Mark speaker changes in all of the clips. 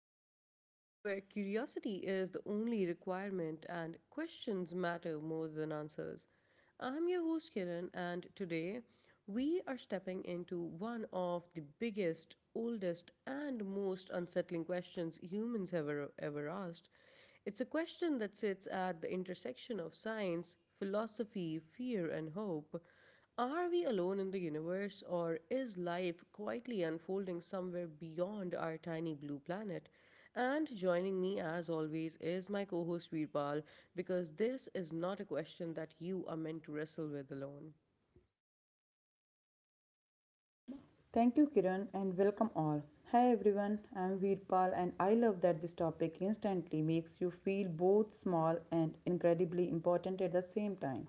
Speaker 1: Pod, where curiosity is the only requirement and questions matter more than answers. I'm your host Kiran, and today we are stepping into one of the biggest, oldest, and most unsettling questions humans ever asked. It's a question that sits at the intersection of science, philosophy, fear, and hope. Are we alone in the universe, or is life quietly unfolding somewhere beyond our tiny blue planet? And joining me, as always, is my co host Veerpal, because this is not a question that you are meant to wrestle with alone.
Speaker 2: Thank you, Kiran, and welcome all. Hi everyone, I'm Veerpal, and I love that this topic instantly makes you feel both small and incredibly important at the same time.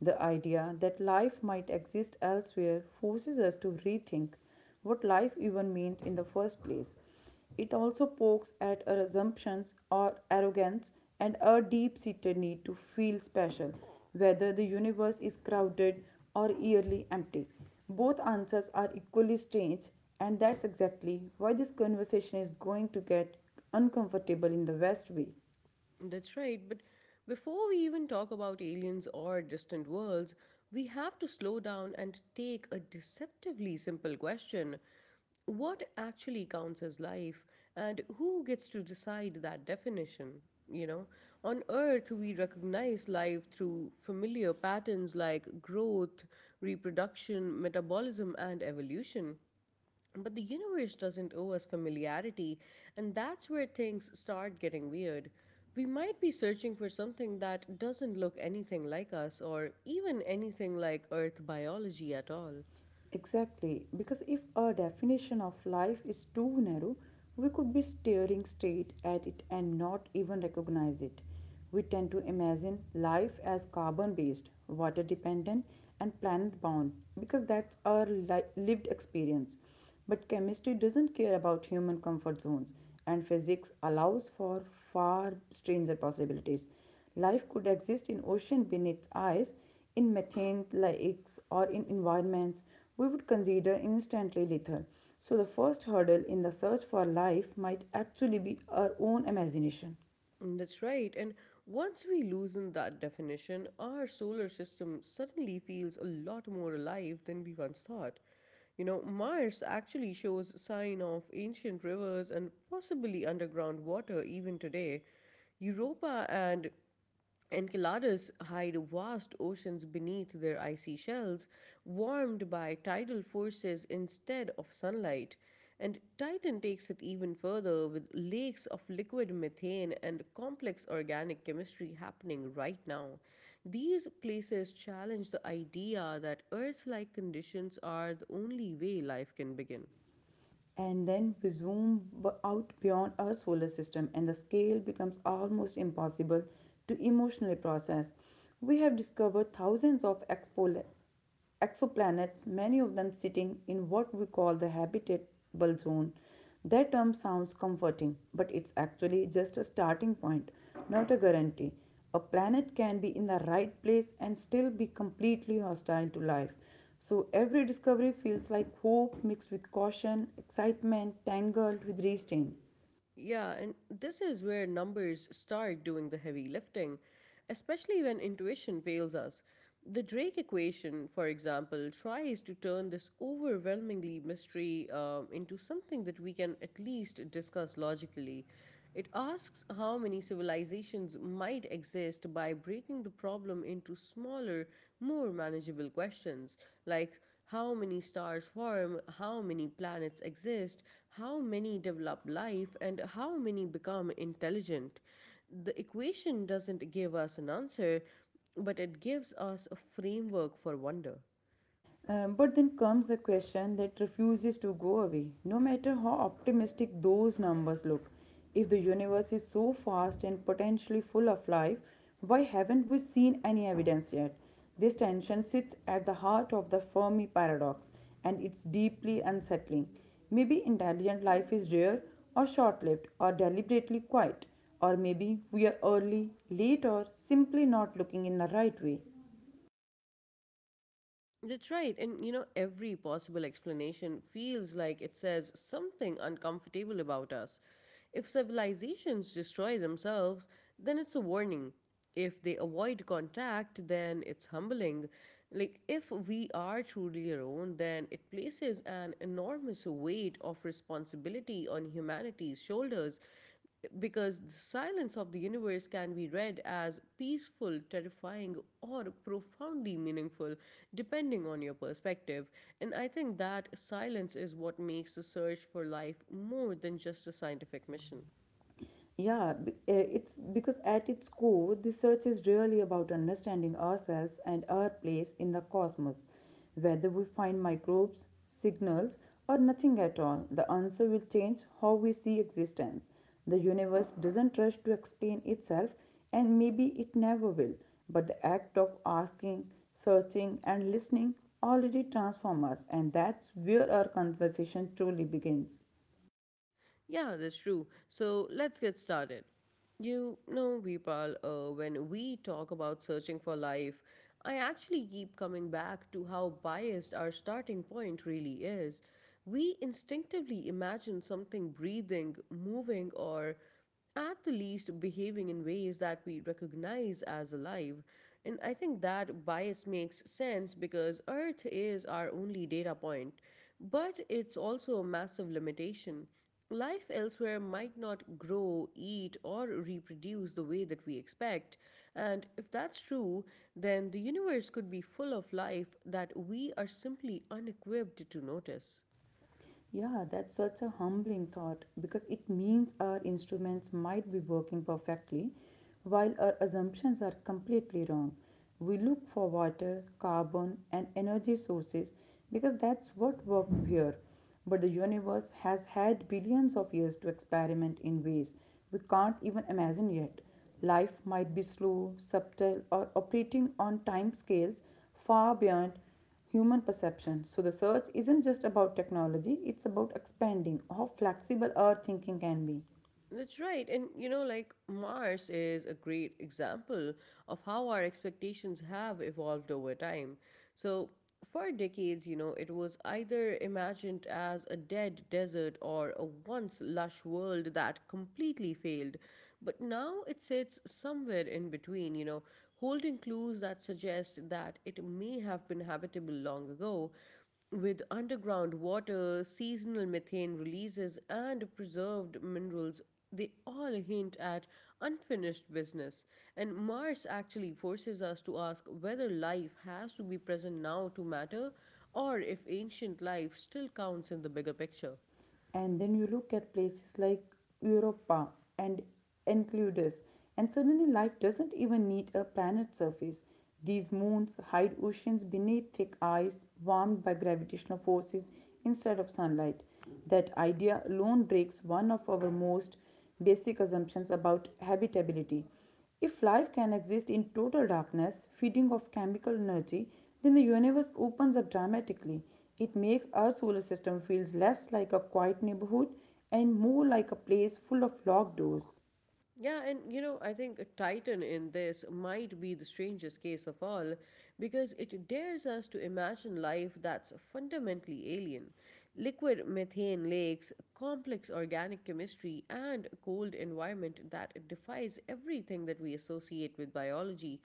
Speaker 2: The idea that life might exist elsewhere forces us to rethink what life even means in the first place. It also pokes at our assumptions or arrogance and our deep seated need to feel special, whether the universe is crowded or eerily empty. Both answers are equally strange, and that's exactly why this conversation is going to get uncomfortable in the best way.
Speaker 1: That's right, but before we even talk about aliens or distant worlds, we have to slow down and take a deceptively simple question. What actually counts as life, and who gets to decide that definition? You know, on Earth, we recognize life through familiar patterns like growth, reproduction, metabolism, and evolution. But the universe doesn't owe us familiarity, and that's where things start getting weird. We might be searching for something that doesn't look anything like us or even anything like Earth biology at all.
Speaker 2: Exactly, because if our definition of life is too narrow, we could be staring straight at it and not even recognize it. We tend to imagine life as carbon based, water dependent, and planet bound because that's our lived experience. But chemistry doesn't care about human comfort zones, and physics allows for far stranger possibilities. Life could exist in ocean beneath ice, in methane lakes, or in environments we would consider instantly lethal. So the first hurdle in the search for life might actually be our own imagination.
Speaker 1: Mm, that's right, and once we loosen that definition, our solar system suddenly feels a lot more alive than we once thought. You know, Mars actually shows sign of ancient rivers and possibly underground water even today. Europa and Enceladus hide vast oceans beneath their icy shells, warmed by tidal forces instead of sunlight. And Titan takes it even further with lakes of liquid methane and complex organic chemistry happening right now. These places challenge the idea that Earth like conditions are the only way life can begin.
Speaker 2: And then we zoom out beyond our solar system, and the scale becomes almost impossible to emotionally process. We have discovered thousands of exoplanets, many of them sitting in what we call the habitable zone. That term sounds comforting, but it's actually just a starting point, not a guarantee. A planet can be in the right place and still be completely hostile to life. So every discovery feels like hope mixed with caution, excitement, tangled with restraint.
Speaker 1: Yeah, and this is where numbers start doing the heavy lifting, especially when intuition fails us. The Drake equation, for example, tries to turn this overwhelmingly mystery into something that we can at least discuss logically. It asks how many civilizations might exist by breaking the problem into smaller, more manageable questions like how many stars form, how many planets exist, how many develop life, and how many become intelligent. The equation doesn't give us an answer, but it gives us a framework for wonder.
Speaker 2: But then comes the question that refuses to go away. No matter how optimistic those numbers look, if the universe is so vast and potentially full of life, why haven't we seen any evidence yet? This tension sits at the heart of the Fermi paradox, and it's deeply unsettling. Maybe intelligent life is rare or short lived or deliberately quiet, or maybe we are early, late, or simply not looking in the right way.
Speaker 1: That's right. And you know, every possible explanation feels like it says something uncomfortable about us. If civilizations destroy themselves, then it's a warning. If they avoid contact, then it's humbling. Like, if we are truly alone, then it places an enormous weight of responsibility on humanity's shoulders because the silence of the universe can be read as peaceful, terrifying, or profoundly meaningful, depending on your perspective. And I think that silence is what makes the search for life more than just a scientific mission.
Speaker 2: Yeah, it's because at its core, this search is really about understanding ourselves and our place in the cosmos. Whether we find microbes, signals, or nothing at all, the answer will change how we see existence. The universe doesn't rush to explain itself, and maybe it never will, but the act of asking, searching, and listening already transforms us, and that's where our conversation truly begins.
Speaker 1: Yeah, that's true. So let's get started. You know, Vipal, when we talk about searching for life, I actually keep coming back to how biased our starting point really is. We instinctively imagine something breathing, moving, or at the least behaving in ways that we recognize as alive. And I think that bias makes sense because Earth is our only data point, but it's also a massive limitation. Life elsewhere might not grow, eat, or reproduce the way that we expect. And if that's true, then the universe could be full of life that we are simply unequipped to notice.
Speaker 2: Yeah, that's such a humbling thought because it means our instruments might be working perfectly while our assumptions are completely wrong. We look for water, carbon, and energy sources because that's what worked here. But the universe has had billions of years to experiment in ways we can't even imagine yet. Life might be slow, subtle, or operating on timescales far beyond human perception. So the search isn't just about technology, it's about expanding how flexible our thinking can be.
Speaker 1: That's right. And you know, like Mars is a great example of how our expectations have evolved over time. So, for decades, you know, it was either imagined as a dead desert or a once lush world that completely failed. But now it sits somewhere in between, you know, holding clues that suggest that it may have been habitable long ago. With underground water, seasonal methane releases, and preserved minerals, they all hint at unfinished business. And Mars actually forces us to ask whether life has to be present now to matter, or if ancient life still counts in the bigger picture.
Speaker 2: And then you look at places like Europa and Enceladus, and suddenly life doesn't even need a planet surface. These moons hide oceans beneath thick ice warmed by gravitational forces instead of sunlight. That idea alone breaks one of our most basic assumptions about habitability. If life can exist in total darkness, feeding off chemical energy, then the universe opens up dramatically. It makes our solar system feels less like a quiet neighborhood and more like a place full of locked doors.
Speaker 1: Yeah, and you know, I think Titan in this might be the strangest case of all because it dares us to imagine life that's fundamentally alien. Liquid methane lakes, complex organic chemistry, and a cold environment that defies everything that we associate with biology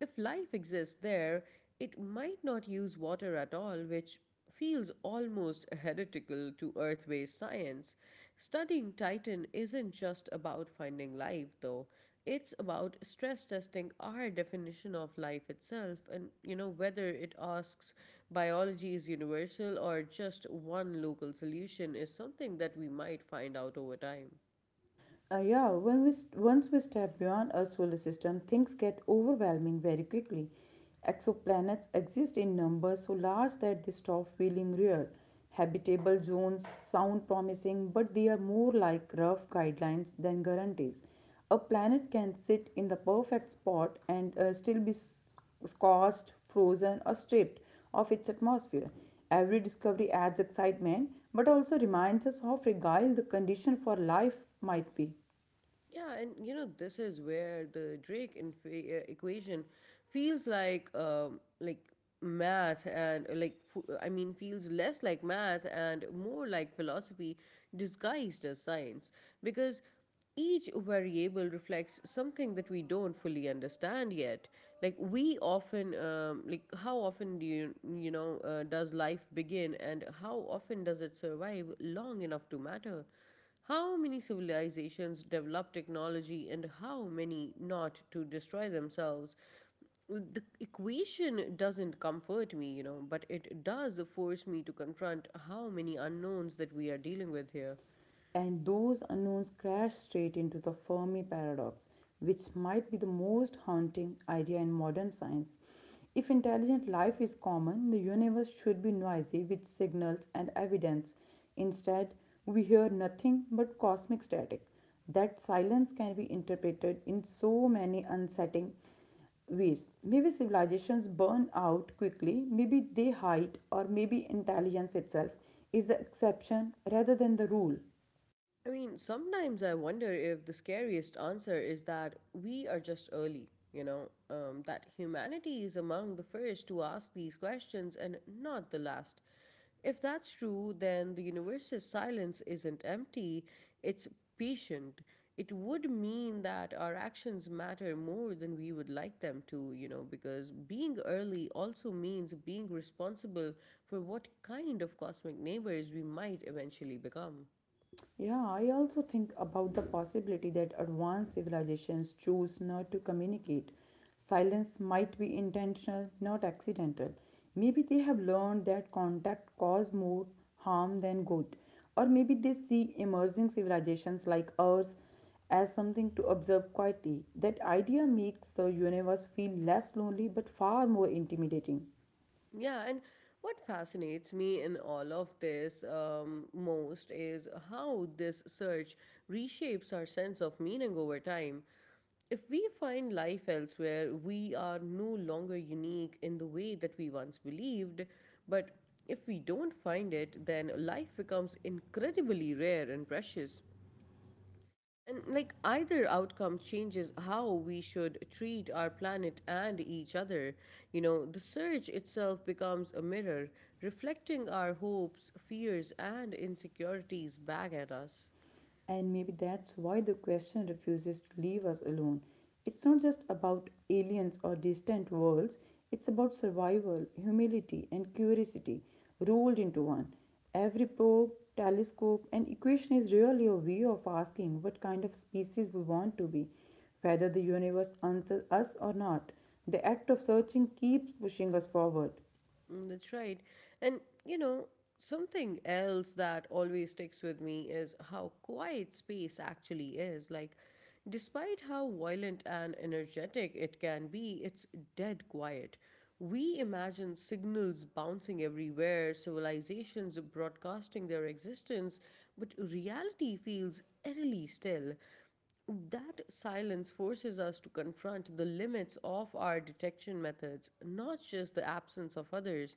Speaker 1: if life exists there, it might not use water at all, which feels almost heretical to Earth based science. Studying Titan isn't just about finding life, though. It's about stress testing our definition of life itself and, you know, whether it asks biology is universal or just one local solution is something that we might find out over time.
Speaker 2: Yeah, once we step beyond our solar system, things get overwhelming very quickly. Exoplanets exist in numbers so large that they stop feeling real. Habitable zones sound promising, but they are more like rough guidelines than guarantees. A planet can sit in the perfect spot and still be scorched, frozen, or stripped of its atmosphere. Every discovery adds excitement, but also reminds us how fragile the condition for life might be.
Speaker 1: Yeah, and you know this is where the equation feels like math and, I mean, feels less like math and more like philosophy disguised as science because each variable reflects something that we don't fully understand yet, like we often like how often do does life begin, and how often does it survive long enough to matter, how many civilizations develop technology and how many not to destroy themselves? The equation doesn't comfort me, you know, but it does force me to confront how many unknowns that we are dealing with here.
Speaker 2: And those unknowns crash straight into the Fermi paradox, which might be the most haunting idea in modern science. If intelligent life is common, the universe should be noisy with signals and evidence. Instead, we hear nothing but cosmic static. That silence can be interpreted in so many unsettling ways. Maybe civilizations burn out quickly, maybe they hide, or maybe intelligence itself is the exception rather than the rule.
Speaker 1: I mean, sometimes I wonder if the scariest answer is that we are just early, that humanity is among the first to ask these questions and not the last. If that's true, then the universe's silence isn't empty, it's patient. It would mean that our actions matter more than we would like them to, you know, because being early also means being responsible for what kind of cosmic neighbors we might eventually become.
Speaker 2: Yeah, I also think about the possibility that advanced civilizations choose not to communicate. Silence might be intentional, not accidental. Maybe they have learned that contact causes more harm than good. Or maybe they see emerging civilizations like ours as something to observe quietly. That idea makes the universe feel less lonely but far more intimidating.
Speaker 1: Yeah, and what fascinates me in all of this most is how this search reshapes our sense of meaning over time. If we find life elsewhere, we are no longer unique in the way that we once believed. But if we don't find it, then life becomes incredibly rare and precious. And like either outcome changes how we should treat our planet and each other. You know, the surge itself becomes a mirror, reflecting our hopes, fears, and insecurities back at us.
Speaker 2: And maybe that's why the question refuses to leave us alone. It's not just about aliens or distant worlds, it's about survival, humility, and curiosity rolled into one. Every probe, telescope, and equation is really a way of asking what kind of species we want to be, whether the universe answers us or not. The act of searching keeps pushing us forward.
Speaker 1: Mm, that's right. And, you know, something else that always sticks with me is how quiet space actually is. Like, despite how violent and energetic it can be, it's dead quiet. We imagine signals bouncing everywhere, civilizations broadcasting their existence, but reality feels eerily still. That silence forces us to confront the limits of our detection methods, not just the absence of others.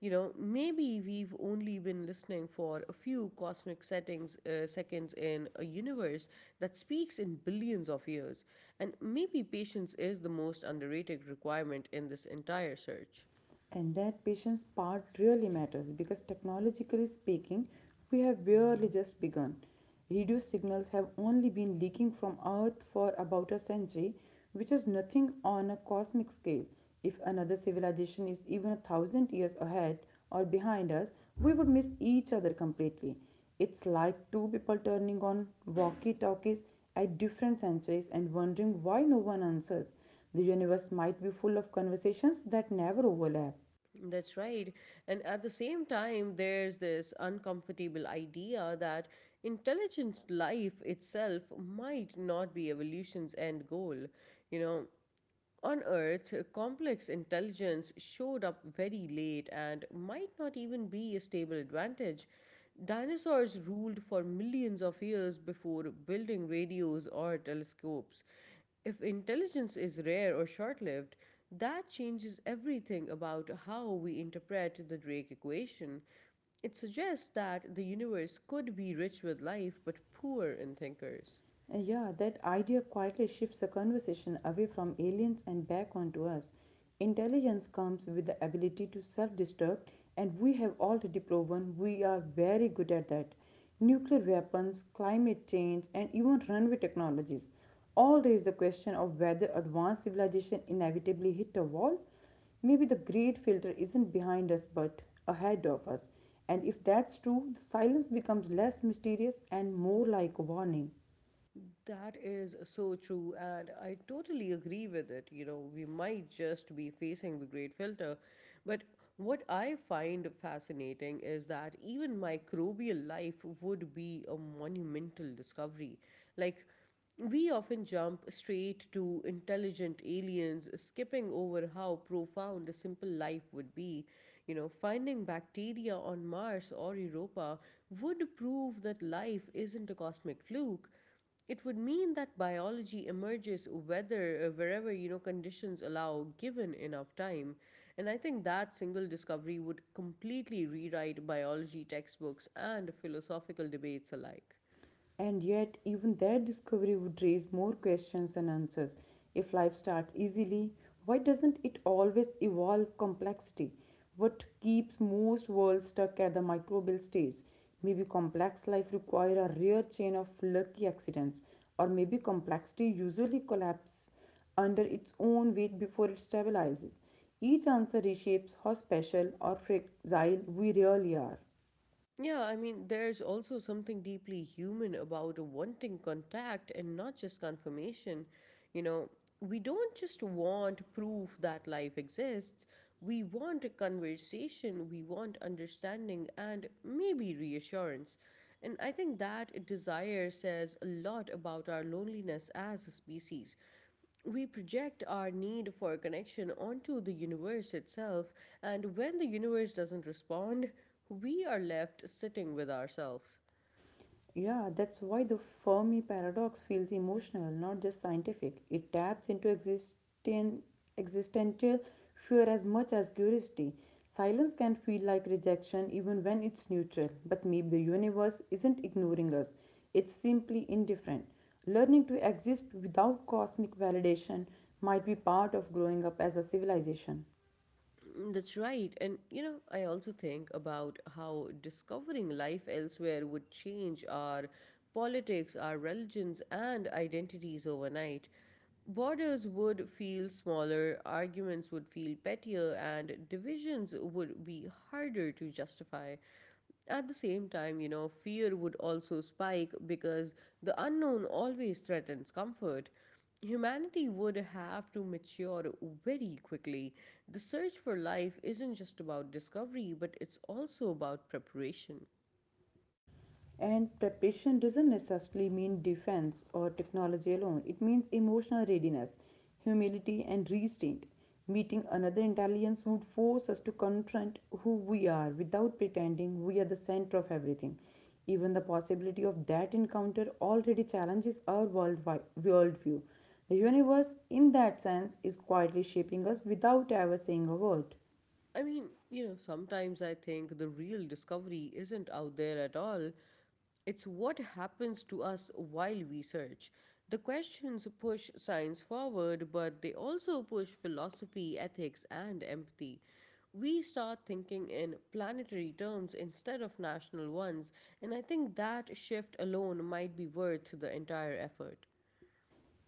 Speaker 1: You know, maybe we've only been listening for a few cosmic seconds in a universe that speaks in billions of years. And maybe patience is the most underrated requirement in this entire search.
Speaker 2: And that patient's part really matters because technologically speaking, we have barely just begun. Radio signals have only been leaking from Earth for about a century, which is nothing on a cosmic scale. If another civilization is even 1,000 years ahead or behind us, we would miss each other completely. It's like two people turning on walkie talkies at different centuries and wondering why no one answers. The universe might be full of conversations that never overlap.
Speaker 1: That's right. And at the same time, there's this uncomfortable idea that intelligent life itself might not be evolution's end goal. You know, on Earth, complex intelligence showed up very late and might not even be a stable advantage. Dinosaurs ruled for millions of years before building radios or telescopes. If intelligence is rare or short lived, that changes everything about how we interpret the Drake equation. It suggests that the universe could be rich with life but poor in thinkers.
Speaker 2: Yeah, that idea quietly shifts the conversation away from aliens and back onto us. Intelligence comes with the ability to self destruct, and we have already proven we are very good at that. Nuclear weapons, climate change, and even runway technologies all raise the question of whether advanced civilization inevitably hit a wall. Maybe the great filter isn't behind us but ahead of us. And if that's true, the silence becomes less mysterious and more like a warning.
Speaker 1: That is so true, and I totally agree with it. You know, we might just be facing the great filter, but what I find fascinating is that even microbial life would be a monumental discovery. Like, we often jump straight to intelligent aliens, skipping over how profound a simple life would be. You know, finding bacteria on Mars or Europa would prove that life isn't a cosmic fluke. It would mean that biology emerges whether wherever you know conditions allow, given enough time. And I think that single discovery would completely rewrite biology textbooks and philosophical debates alike.
Speaker 2: And yet, even that discovery would raise more questions than answers. If life starts easily, why doesn't it always evolve complexity? What keeps most worlds stuck at the microbial stage? Maybe complex life requires a rare chain of lucky accidents, or maybe complexity usually collapses under its own weight before it stabilizes. Each answer reshapes how special or fragile we really are.
Speaker 1: Yeah, I mean, there's also something deeply human about wanting contact and not just confirmation. You know, we don't just want proof that life exists, we want a conversation, we want understanding, and maybe reassurance. And I think that desire says a lot about our loneliness as a species. We project our need for connection onto the universe itself, and when the universe doesn't respond, we are left sitting with ourselves.
Speaker 2: Yeah, that's why the Fermi paradox feels emotional, not just scientific. It taps into existential fear as much as curiosity. Silence can feel like rejection even when it's neutral, but maybe the universe isn't ignoring us, it's simply indifferent. Learning to exist without cosmic validation might be part of growing up as a civilization.
Speaker 1: Mm, that's right. And you know, I also think about how discovering life elsewhere would change our politics, our religions, and identities overnight. Borders would feel smaller, arguments would feel pettier, and divisions would be harder to justify. At the same time, you know, fear would also spike because the unknown always threatens comfort. Humanity would have to mature very quickly. The search for life isn't just about discovery, but it's also about preparation.
Speaker 2: And preparation doesn't necessarily mean defense or technology alone. It means emotional readiness, humility, and restraint. Meeting another intelligence would force us to confront who we are without pretending we are the center of everything. Even the possibility of that encounter already challenges our worldview. The universe, in that sense, is quietly shaping us without ever saying a word.
Speaker 1: I mean, you know, sometimes I think the real discovery isn't out there at all. It's what happens to us while we search. The questions push science forward, but they also push philosophy, ethics, and empathy. We start thinking in planetary terms instead of national ones, and I think that shift alone might be worth the entire effort.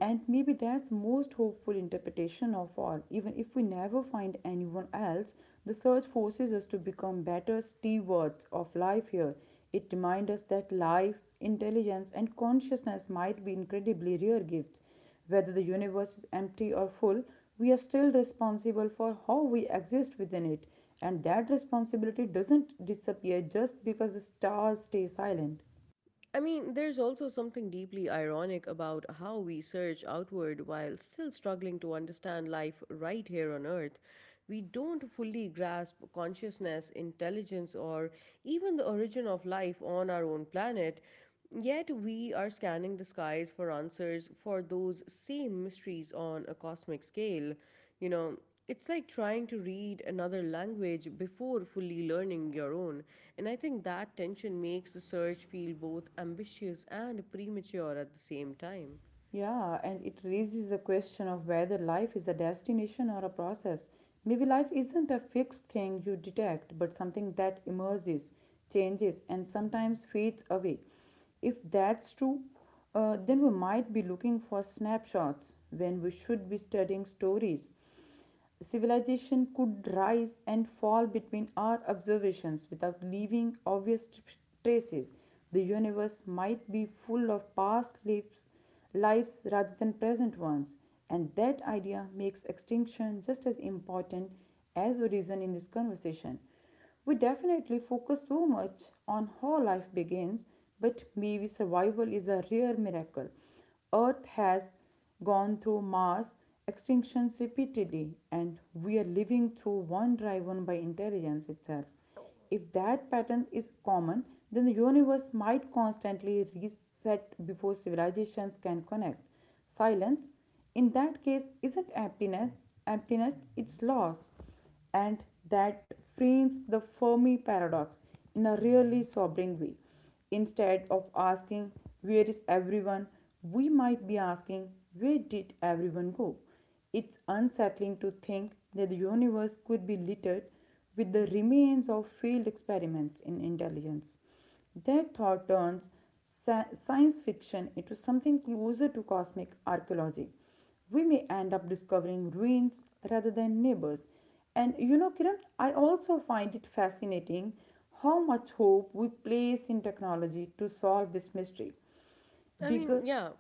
Speaker 2: And maybe that's most hopeful interpretation of all. Even if we never find anyone else, the search forces us to become better stewards of life here. It reminds us that life, intelligence, and consciousness might be incredibly rare gifts. Whether the universe is empty or full, we are still responsible for how we exist within it. And that responsibility doesn't disappear just because the stars stay silent.
Speaker 1: I mean, there's also something deeply ironic about how we search outward while still struggling to understand life right here on Earth. We don't fully grasp consciousness, intelligence, or even the origin of life on our own planet. Yet we are scanning the skies for answers for those same mysteries on a cosmic scale. You know, it's like trying to read another language before fully learning your own. And I think that tension makes the search feel both ambitious and premature at the same time.
Speaker 2: Yeah, and it raises the question of whether life is a destination or a process. Maybe life isn't a fixed thing you detect, but something that emerges, changes, and sometimes fades away. If that's true, then we might be looking for snapshots when we should be studying stories civilization could rise and fall between our observations without leaving obvious traces. The universe might be full of past lives rather than present ones, and that idea makes extinction just as important as we reason in this conversation. We definitely focus so much on how life begins, but maybe survival is a rare miracle Earth has gone through mass extinctions repeatedly, and we are living through one driven by intelligence itself. If that pattern is common, then the universe might constantly reset before civilizations can connect. Silence, in that case, isn't emptiness, it's loss, and that frames the Fermi paradox in a really sobering way. Instead of asking, where is everyone? We might be asking, where did everyone go? It's unsettling to think that the universe could be littered with the remains of failed experiments in intelligence. Their thought turns science fiction into something closer to cosmic archaeology. We may end up discovering ruins rather than neighbors. And Kiran, I also find it fascinating how much hope we place in technology to solve this mystery.
Speaker 1: I
Speaker 2: Bigger
Speaker 1: mean, yeah,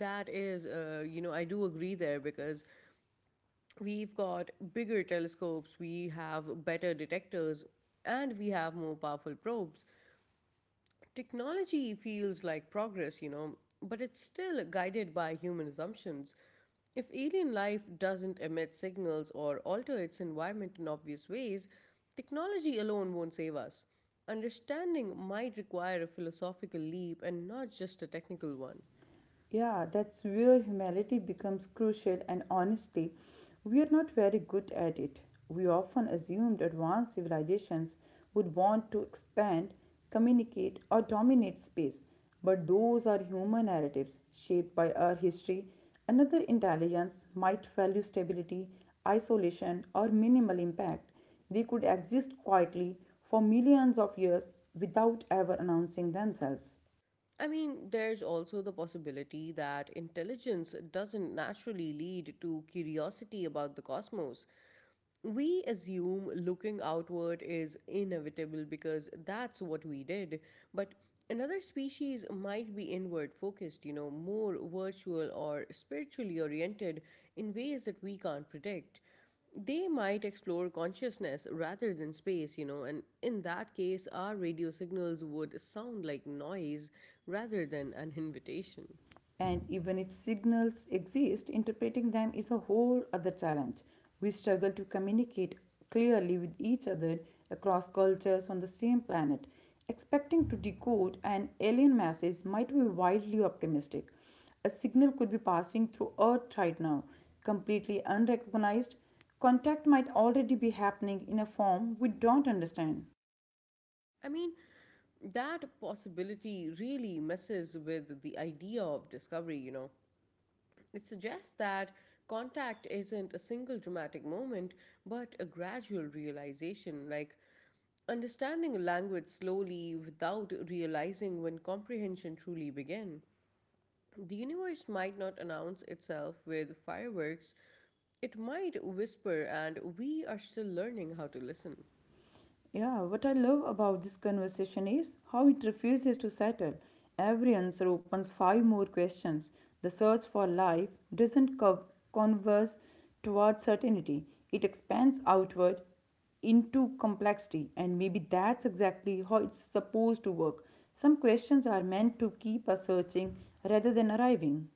Speaker 1: that is, I do agree there because we've got bigger telescopes, we have better detectors, and we have more powerful probes. Technology feels like progress, you know, but it's still guided by human assumptions. If alien life doesn't emit signals or alter its environment in obvious ways, technology alone won't save us. Understanding might require a philosophical leap and not just a technical one.
Speaker 2: Yeah, that's where humility becomes crucial, and honestly, we are not very good at it. We often assumed advanced civilizations would want to expand, communicate, or dominate space, but those are human narratives shaped by our history. Another intelligence might value stability, isolation, or minimal impact. They could exist quietly for millions of years without ever announcing themselves.
Speaker 1: I mean, there's also the possibility that intelligence doesn't naturally lead to curiosity about the cosmos. We assume looking outward is inevitable because that's what we did. But another species might be inward focused, more virtual or spiritually oriented in ways that we can't predict. They might explore consciousness rather than space, and in that case, our radio signals would sound like noise rather than an invitation.
Speaker 2: And even if signals exist, interpreting them is a whole other challenge. We struggle to communicate clearly with each other across cultures on the same planet. Expecting to decode an alien message might be wildly optimistic. A signal could be passing through Earth right now, completely unrecognized. Contact might already be happening in a form we don't understand.
Speaker 1: I mean, that possibility really messes with the idea of discovery. It suggests that contact isn't a single dramatic moment, but a gradual realization, like understanding a language slowly without realizing when comprehension truly began. The universe might not announce itself with fireworks, it might whisper, and we are still learning how to listen.
Speaker 2: Yeah, what I love about this conversation is how it refuses to settle. Every answer opens five more questions. The search for life doesn't converse towards certainty, it expands outward into complexity, and maybe that's exactly how it's supposed to work. Some questions are meant to keep us searching rather than arriving.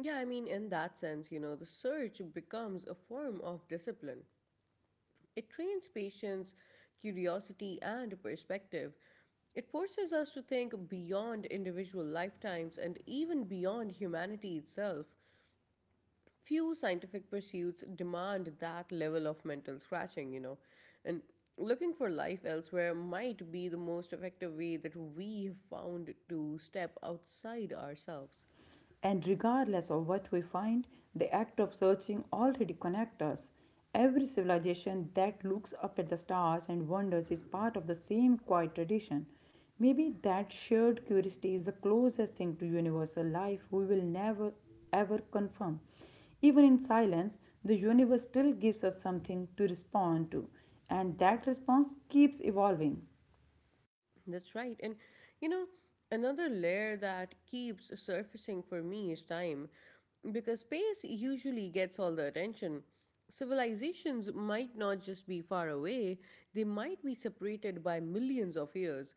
Speaker 1: Yeah, I mean, in that sense, the search becomes a form of discipline. It trains patience, curiosity, and perspective. It forces us to think beyond individual lifetimes and even beyond humanity itself. Few scientific pursuits demand that level of mental scratching. And looking for life elsewhere might be the most effective way that we have found to step outside ourselves.
Speaker 2: And regardless of what we find, the act of searching already connects us. Every civilization that looks up at the stars and wonders is part of the same quiet tradition. Maybe that shared curiosity is the closest thing to universal life we will never ever confirm. Even in silence, the universe still gives us something to respond to, and that response keeps evolving.
Speaker 1: That's right. And you know, another layer that keeps surfacing for me is time, because space usually gets all the attention. Civilizations might not just be far away, they might be separated by millions of years.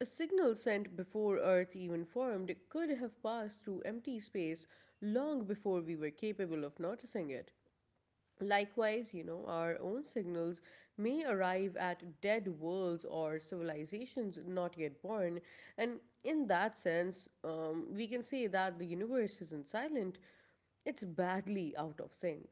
Speaker 1: A signal sent before Earth even formed could have passed through empty space long before we were capable of noticing it. Likewise, our own signals may arrive at dead worlds or civilizations not yet born, and in that sense, we can say that the universe isn't silent, it's badly out of sync.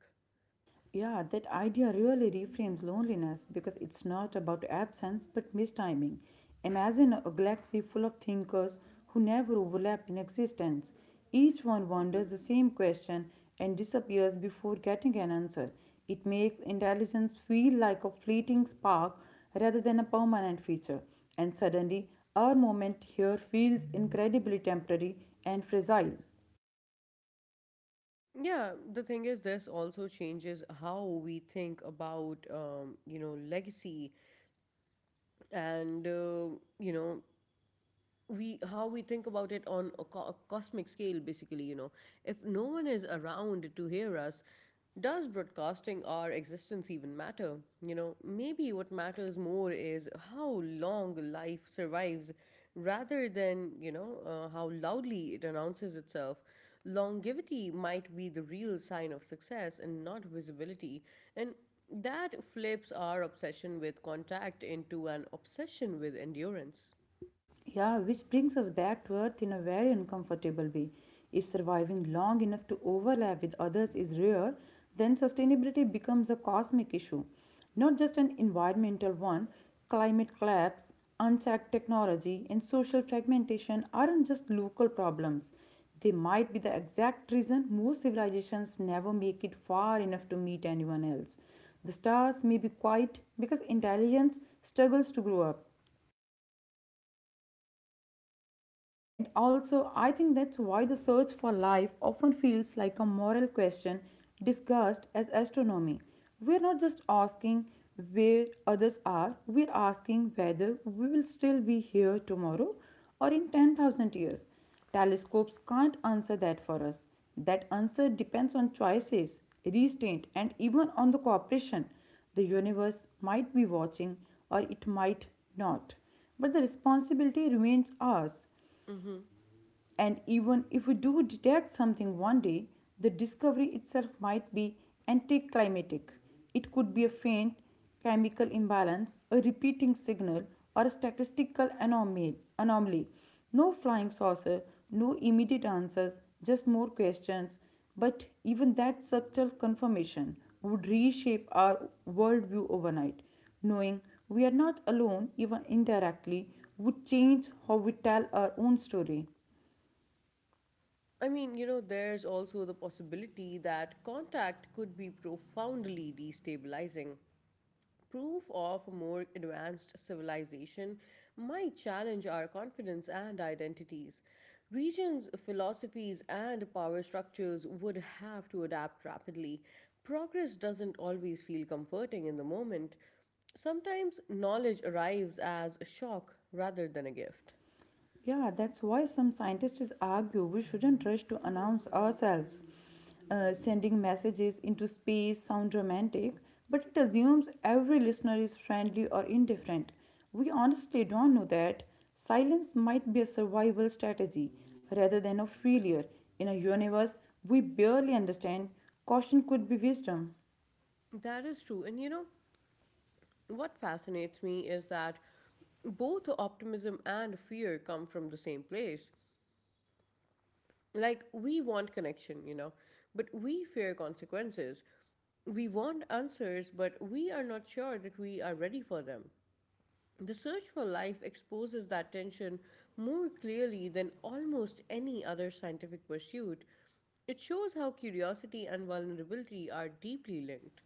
Speaker 2: Yeah, that idea really reframes loneliness because it's not about absence but mistiming. Imagine a galaxy full of thinkers who never overlap in existence. Each one wonders the same question and disappears before getting an answer. It makes intelligence feel like a fleeting spark rather than a permanent feature. And suddenly, our moment here feels incredibly temporary and fragile.
Speaker 1: Yeah, the thing is, this also changes how we think about, legacy and, you know, we how we think about it on a, a cosmic scale, basically. You know, if no one is around to hear us, does broadcasting our existence even matter? You know, maybe what matters more is how long life survives rather than, how loudly it announces itself. Longevity might be the real sign of success and not visibility, and that flips our obsession with contact into an obsession with endurance.
Speaker 2: Yeah, which brings us back to Earth in a very uncomfortable way. If surviving long enough to overlap with others is rare, then sustainability becomes a cosmic issue, not just an environmental one. Climate collapse, unchecked technology, and social fragmentation aren't just local problems. They might be the exact reason most civilizations never make it far enough to meet anyone else. The stars may be quiet because intelligence struggles to grow up. And also, I think that's why the search for life often feels like a moral question discussed as astronomy. We're not just asking where others are, we're asking whether we will still be here tomorrow or in 10,000 years. Telescopes can't answer that for us. That answer depends on choices, restraint, and even on the cooperation. The universe might be watching or it might not, but the responsibility remains ours.
Speaker 1: Mm-hmm.
Speaker 2: And even if we do detect something one day, the discovery itself might be anticlimactic. It could be a faint chemical imbalance, a repeating signal, or a statistical anomaly. No flying saucer, no immediate answers, just more questions. But even that subtle confirmation would reshape our worldview overnight. Knowing we are not alone, even indirectly, would change how we tell our own story.
Speaker 1: I mean, you know, there's also the possibility that contact could be profoundly destabilizing. Proof of a more advanced civilization might challenge our confidence and identities. Regions, philosophies, and power structures would have to adapt rapidly. Progress doesn't always feel comforting in the moment. Sometimes knowledge arrives as a shock rather than a gift.
Speaker 2: Yeah, that's why some scientists argue we shouldn't rush to announce ourselves. Sending messages into space sound romantic, but it assumes every listener is friendly or indifferent. We honestly don't know that. Silence might be a survival strategy rather than a failure. In a universe we barely understand, caution could be wisdom.
Speaker 1: That is true. And you know, what fascinates me is that both optimism and fear come from the same place. Like, we want connection, you know, but we fear consequences. We want answers, but we are not sure that we are ready for them. The search for life exposes that tension more clearly than almost any other scientific pursuit. It shows how curiosity and vulnerability are deeply linked.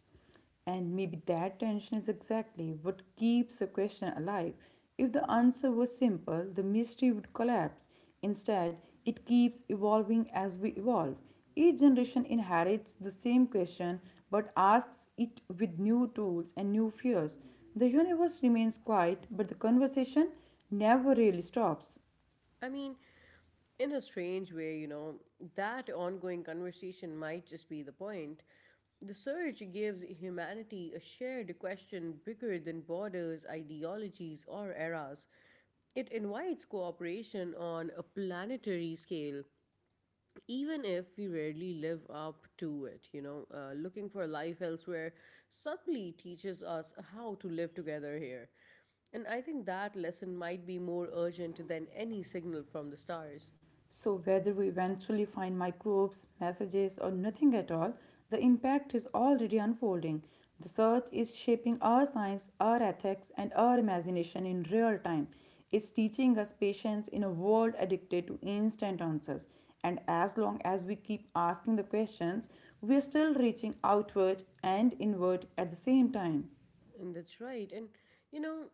Speaker 2: And maybe that tension is exactly what keeps the question alive. If the answer was simple, the mystery would collapse. Instead, it keeps evolving as we evolve. Each generation inherits the same question but asks it with new tools and new fears. The universe remains quiet, but the conversation never really stops.
Speaker 1: I mean, in a strange way, that ongoing conversation might just be the point. The surge gives humanity a shared question bigger than borders, ideologies, or eras. It invites cooperation on a planetary scale, even if we rarely live up to it. Looking for life elsewhere subtly teaches us how to live together here. And I think that lesson might be more urgent than any signal from the stars.
Speaker 2: So, whether we eventually find microbes, messages, or nothing at all, the impact is already unfolding. The search is shaping our science, our ethics, and our imagination in real time. It's teaching us patience in a world addicted to instant answers. And as long as we keep asking the questions, we are still reaching outward and inward at the same time.
Speaker 1: And that's right. And you know,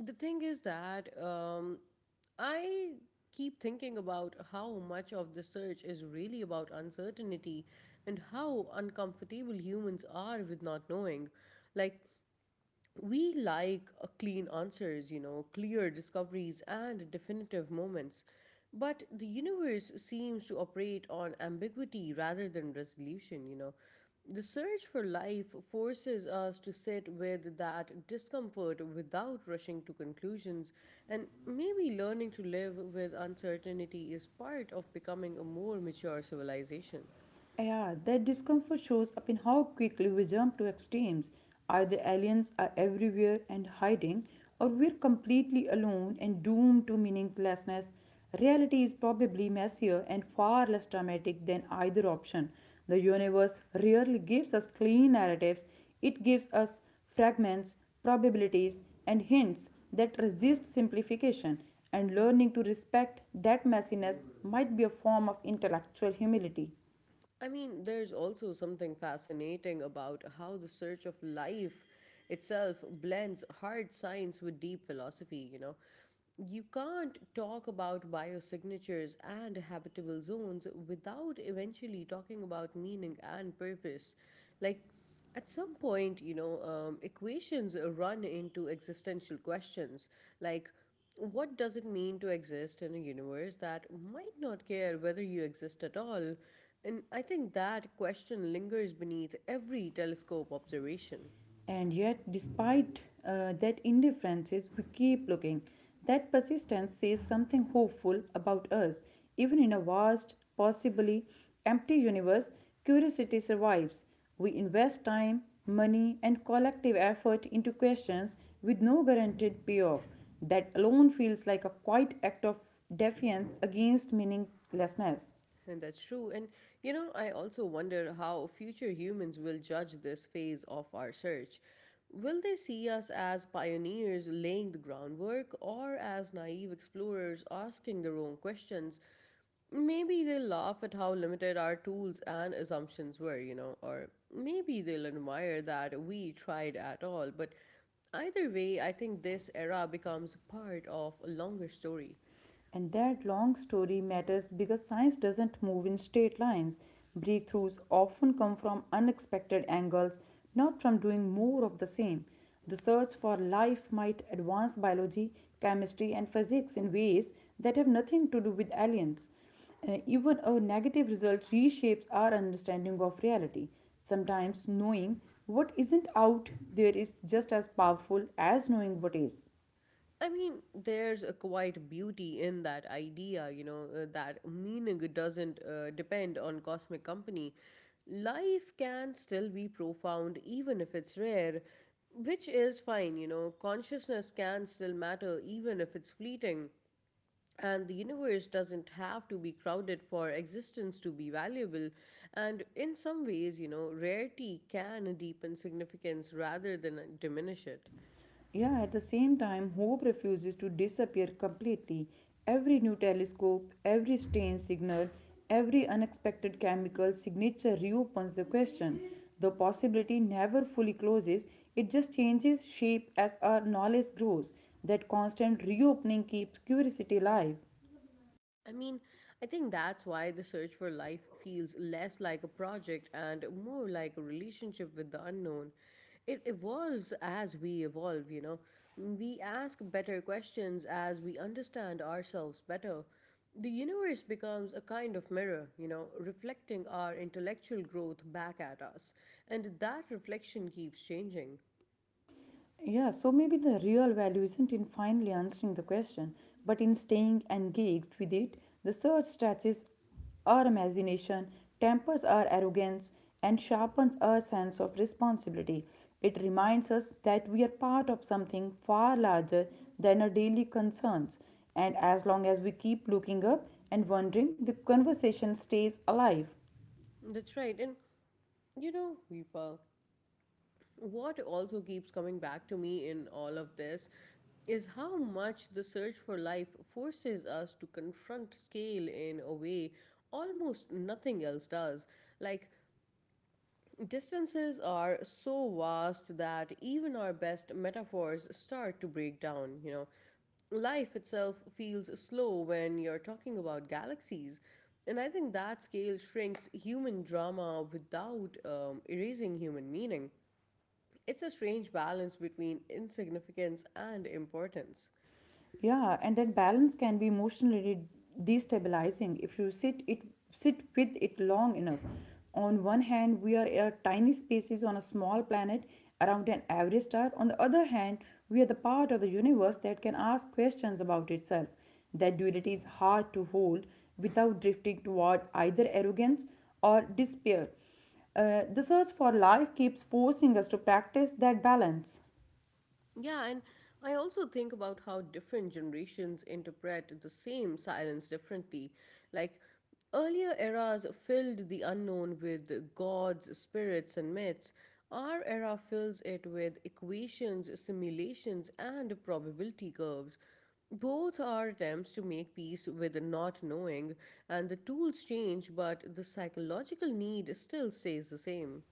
Speaker 1: the thing is that I keep thinking about how much of the search is really about uncertainty and how uncomfortable humans are with not knowing. Like, we like clean answers, clear discoveries and definitive moments. But the universe seems to operate on ambiguity rather than resolution. The search for life forces us to sit with that discomfort without rushing to conclusions, and maybe learning to live with uncertainty is part of becoming a more mature civilization.
Speaker 2: Yeah, that discomfort shows up in how quickly we jump to extremes. Either aliens are everywhere and hiding, or we're completely alone and doomed to meaninglessness. Reality is probably messier and far less dramatic than either option. The universe rarely gives us clean narratives, it gives us fragments, probabilities, and hints that resist simplification, and learning to respect that messiness might be a form of intellectual humility.
Speaker 1: I mean, there's also something fascinating about how the search of life itself blends hard science with deep philosophy, you know. You can't talk about biosignatures and habitable zones without eventually talking about meaning and purpose. Like, at some point, equations run into existential questions like what does it mean to exist in a universe that might not care whether you exist at all? And I think that question lingers beneath every telescope observation.
Speaker 2: And yet, despite that indifferences, we keep looking. That persistence says something hopeful about us. Even in a vast, possibly empty universe, curiosity survives. We invest time, money, and collective effort into questions with no guaranteed payoff. That alone feels like a quiet act of defiance against meaninglessness.
Speaker 1: And that's true. And, you know, I also wonder how future humans will judge this phase of our search. Will they see us as pioneers laying the groundwork or as naive explorers asking the wrong questions? Maybe they'll laugh at how limited our tools and assumptions were, you know, or maybe they'll admire that we tried at all. But either way, I think this era becomes part of a longer story.
Speaker 2: And that long story matters because science doesn't move in straight lines. Breakthroughs often come from unexpected angles, not from doing more of the same. The search for life might advance biology, chemistry, and physics in ways that have nothing to do with aliens. Even a negative result reshapes our understanding of reality. Sometimes knowing what isn't out there is just as powerful as knowing what is.
Speaker 1: I mean, there's a quite beauty in that idea, that meaning doesn't depend on cosmic company. Life can still be profound even if it's rare, which is fine, you know, consciousness can still matter even if it's fleeting. And the universe doesn't have to be crowded for existence to be valuable, and in some ways, rarity can deepen significance rather than diminish it.
Speaker 2: Yeah, at the same time, hope refuses to disappear completely. Every new telescope, every strain signal, every unexpected chemical signature reopens the question. The possibility never fully closes, it just changes shape as our knowledge grows. That constant reopening keeps curiosity alive.
Speaker 1: I mean, I think that's why the search for life feels less like a project and more like a relationship with the unknown. It evolves as we evolve, you know. We ask better questions as we understand ourselves better. The universe becomes a kind of mirror, reflecting our intellectual growth back at us. And that reflection keeps changing.
Speaker 2: Yeah, so maybe the real value isn't in finally answering the question, but in staying engaged with it. The search stretches our imagination, tempers our arrogance, and sharpens our sense of responsibility. It reminds us that we are part of something far larger than our daily concerns. And as long as we keep looking up and wondering, the conversation stays alive.
Speaker 1: That's right. And you know, Weepal, what also keeps coming back to me in all of this is how much the search for life forces us to confront scale in a way almost nothing else does. Like, distances are so vast that even our best metaphors start to break down, you know. Life itself feels slow when you're talking about galaxies. And I think that scale shrinks human drama without erasing human meaning. It's a strange balance between insignificance and importance.
Speaker 2: Yeah, and that balance can be emotionally destabilizing if you sit with it long enough. On one hand, we are a tiny species on a small planet around an average star. On the other hand, we are the part of the universe that can ask questions about itself. That duality is hard to hold without drifting toward either arrogance or despair. The search for life keeps forcing us to practice that balance.
Speaker 1: Yeah, and I also think about how different generations interpret the same silence differently. Like, earlier eras filled the unknown with gods, spirits, and myths. Our era fills it with equations, simulations, and probability curves. Both are attempts to make peace with not knowing, and the tools change, but the psychological need still stays the same.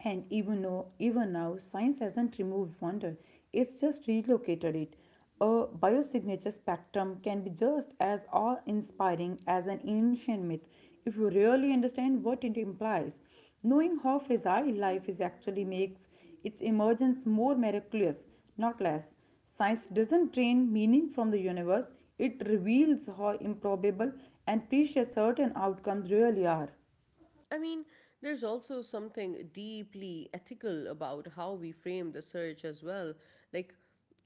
Speaker 2: And even though, even now, science hasn't removed wonder, it's just relocated it. A biosignature spectrum can be just as awe inspiring as an ancient myth if you really understand what it implies. Knowing how fragile life is actually makes its emergence more miraculous, not less. Science doesn't drain meaning from the universe, it reveals how improbable and precious certain outcomes really are.
Speaker 1: I mean, there's also something deeply ethical about how we frame the search as well. Like,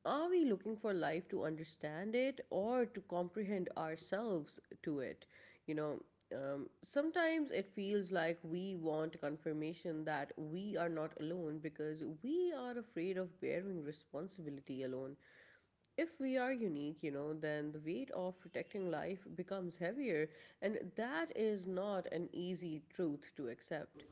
Speaker 1: are we looking for life to understand it or to comprehend ourselves to it? You know, Sometimes it feels like we want confirmation that we are not alone because we are afraid of bearing responsibility alone. If we are unique, then the weight of protecting life becomes heavier, and that is not an easy truth to accept.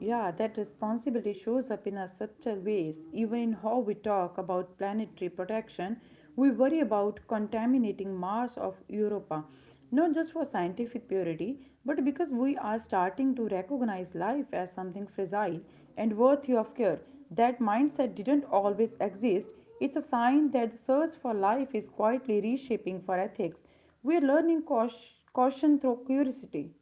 Speaker 2: Yeah, that responsibility shows up in our subtle ways, even in how we talk about planetary protection. We worry about contaminating Mars of Europa, not just for scientific purity, but because we are starting to recognize life as something fragile and worthy of care. That mindset didn't always exist. It's a sign that the search for life is quietly reshaping for ethics. We're learning caution through curiosity.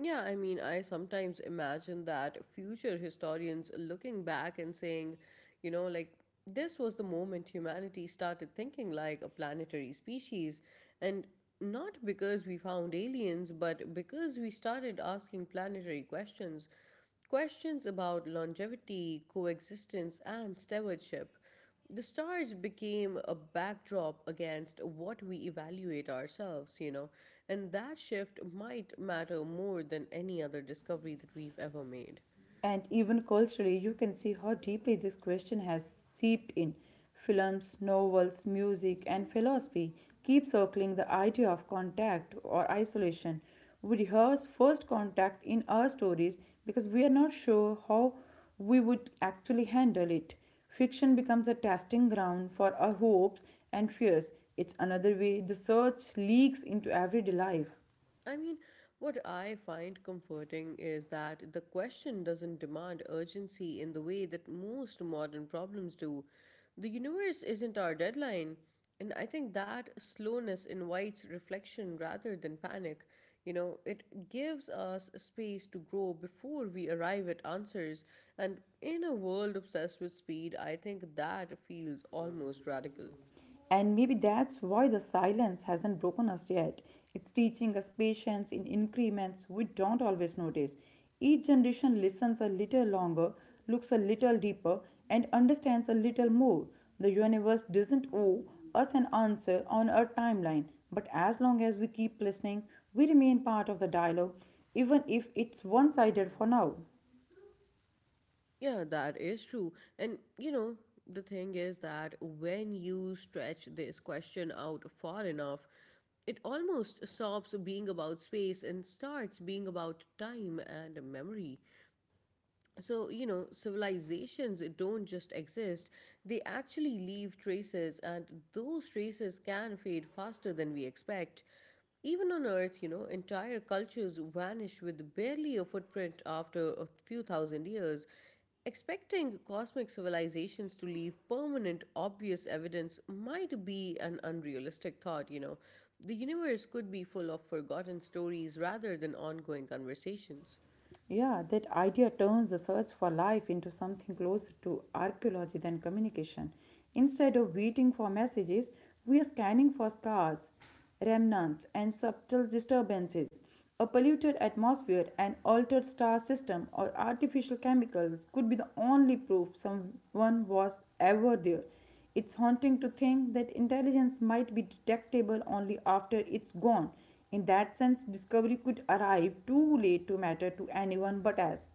Speaker 1: Yeah, I mean, I sometimes imagine that future historians looking back and saying, you know, like, this was the moment humanity started thinking like a planetary species. And not because we found aliens, but because we started asking planetary questions, questions about longevity, coexistence, and stewardship. The stars became a backdrop against what we evaluate ourselves, and that shift might matter more than any other discovery that we've ever made.
Speaker 2: And even culturally, you can see how deeply this question has seeped in. Films, novels, music, and philosophy keep circling the idea of contact or isolation. We rehearse first contact in our stories because we are not sure how we would actually handle it. Fiction becomes a testing ground for our hopes and fears. It's another way the search leaks into everyday life.
Speaker 1: I mean, what I find comforting is that the question doesn't demand urgency in the way that most modern problems do. The universe isn't our deadline, and I think that slowness invites reflection rather than panic. You know, it gives us space to grow before we arrive at answers, and in a world obsessed with speed, I think that feels almost radical.
Speaker 2: And maybe that's why the silence hasn't broken us yet. It's teaching us patience in increments we don't always notice. Each generation listens a little longer, looks a little deeper, and understands a little more. The universe doesn't owe us an answer on a timeline, but as long as we keep listening, we remain part of the dialogue, even if it's one sided for now.
Speaker 1: Yeah, that is true. And you know, the thing is that when you stretch this question out far enough, it almost stops being about space and starts being about time and memory. So civilizations don't just exist, they actually leave traces, and those traces can fade faster than we expect. Even on earth, entire cultures vanish with barely a footprint after a few thousand years. Expecting cosmic civilizations to leave permanent obvious evidence might be an unrealistic thought. The universe could be full of forgotten stories rather than ongoing conversations.
Speaker 2: Yeah, that idea turns the search for life into something closer to archaeology than communication. Instead of waiting for messages, we are scanning for scars, remnants, and subtle disturbances. A polluted atmosphere, an altered star system, or artificial chemicals could be the only proof someone was ever there. It's haunting to think that intelligence might be detectable only after it's gone. In that sense, discovery could arrive too late to matter to anyone but us.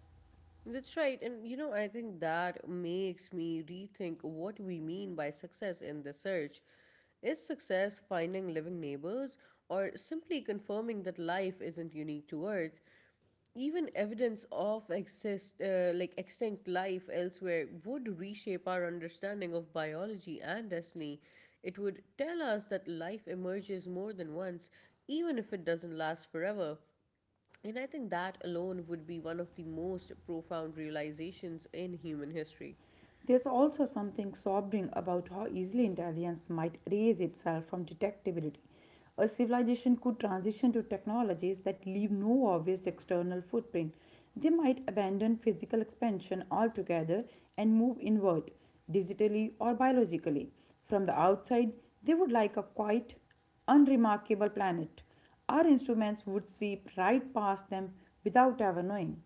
Speaker 1: That's right. I think that makes me rethink what we mean by success in the search. Is success finding living neighbors, or simply confirming that life isn't unique to Earth? Even evidence of like extinct life elsewhere would reshape our understanding of biology and destiny. It would tell us that life emerges more than once, even if it doesn't last forever. And I think that alone would be one of the most profound realizations in human history.
Speaker 2: There's also something sobering about how easily intelligence might raise itself from detectability. A civilization could transition to technologies that leave no obvious external footprint. They might abandon physical expansion altogether and move inward, digitally or biologically. From the outside, they would like a quiet, unremarkable planet. Our instruments would sweep right past them without ever knowing.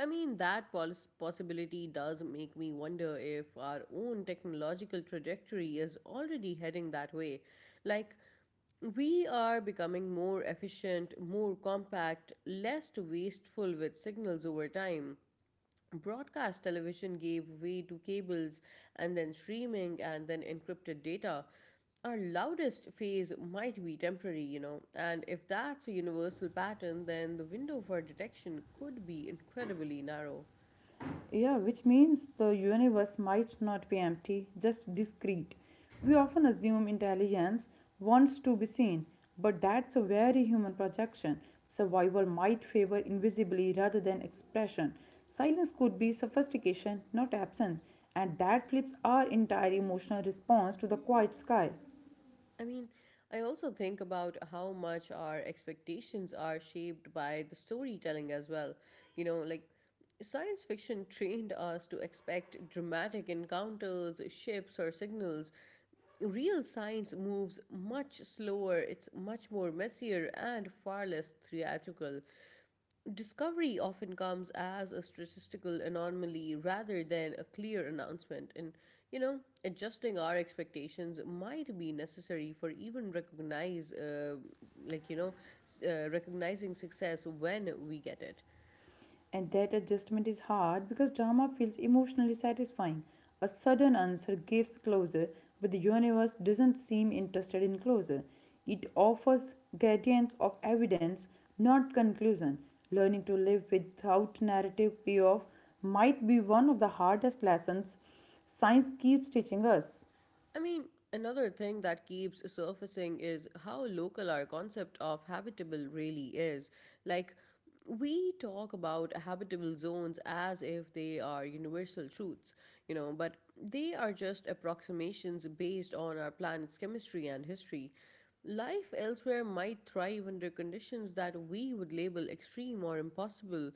Speaker 1: Possibility does make me wonder if our own technological trajectory is already heading that way. Like, we are becoming more efficient, more compact, less wasteful with signals over time. Broadcast television gave way to cables, and then streaming, and then encrypted data. Our loudest phase might be temporary, and if that's a universal pattern, then the window for detection could be incredibly narrow.
Speaker 2: Yeah, which means the universe might not be empty, just discrete. We often assume intelligence wants to be seen, but that's a very human projection. Survival might favor invisibly rather than expression. Silence could be sophistication, not absence, and that flips our entire emotional response to the quiet sky.
Speaker 1: I mean, I also think about how much our expectations are shaped by the storytelling as well. You know, like Science fiction trained us to expect dramatic encounters, ships, or signals. Real science moves much slower, it's much more messier and far less theatrical. Discovery often comes as a statistical anomaly rather than a clear announcement, and adjusting our expectations might be necessary for even recognize, like, you know, s- recognizing success when we get it.
Speaker 2: And that adjustment is hard because drama feels emotionally satisfying. A sudden answer gives closure, but the universe doesn't seem interested in closure. It offers gradients of evidence, not conclusion. Learning to live without narrative payoff might be one of the hardest lessons science keeps teaching us.
Speaker 1: I mean, another thing that keeps surfacing is how local our concept of habitable really is. Like, we talk about habitable zones as if they are universal truths, but they are just approximations based on our planet's chemistry and history. Life elsewhere might thrive under conditions that we would label extreme or impossible.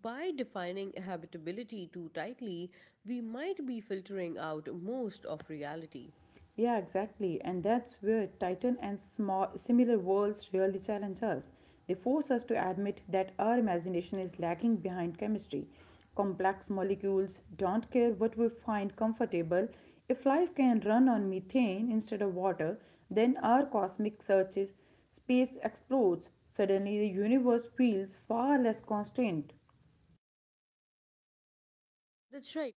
Speaker 1: By defining habitability too tightly, we might be filtering out most of reality.
Speaker 2: Yeah, exactly. And that's where Titan and small, similar worlds really challenge us. They force us to admit that our imagination is lagging behind chemistry. Complex molecules don't care what we find comfortable. If life can run on methane instead of water, then our cosmic searches, space explodes. Suddenly, the universe feels far less constrained.
Speaker 1: That's right.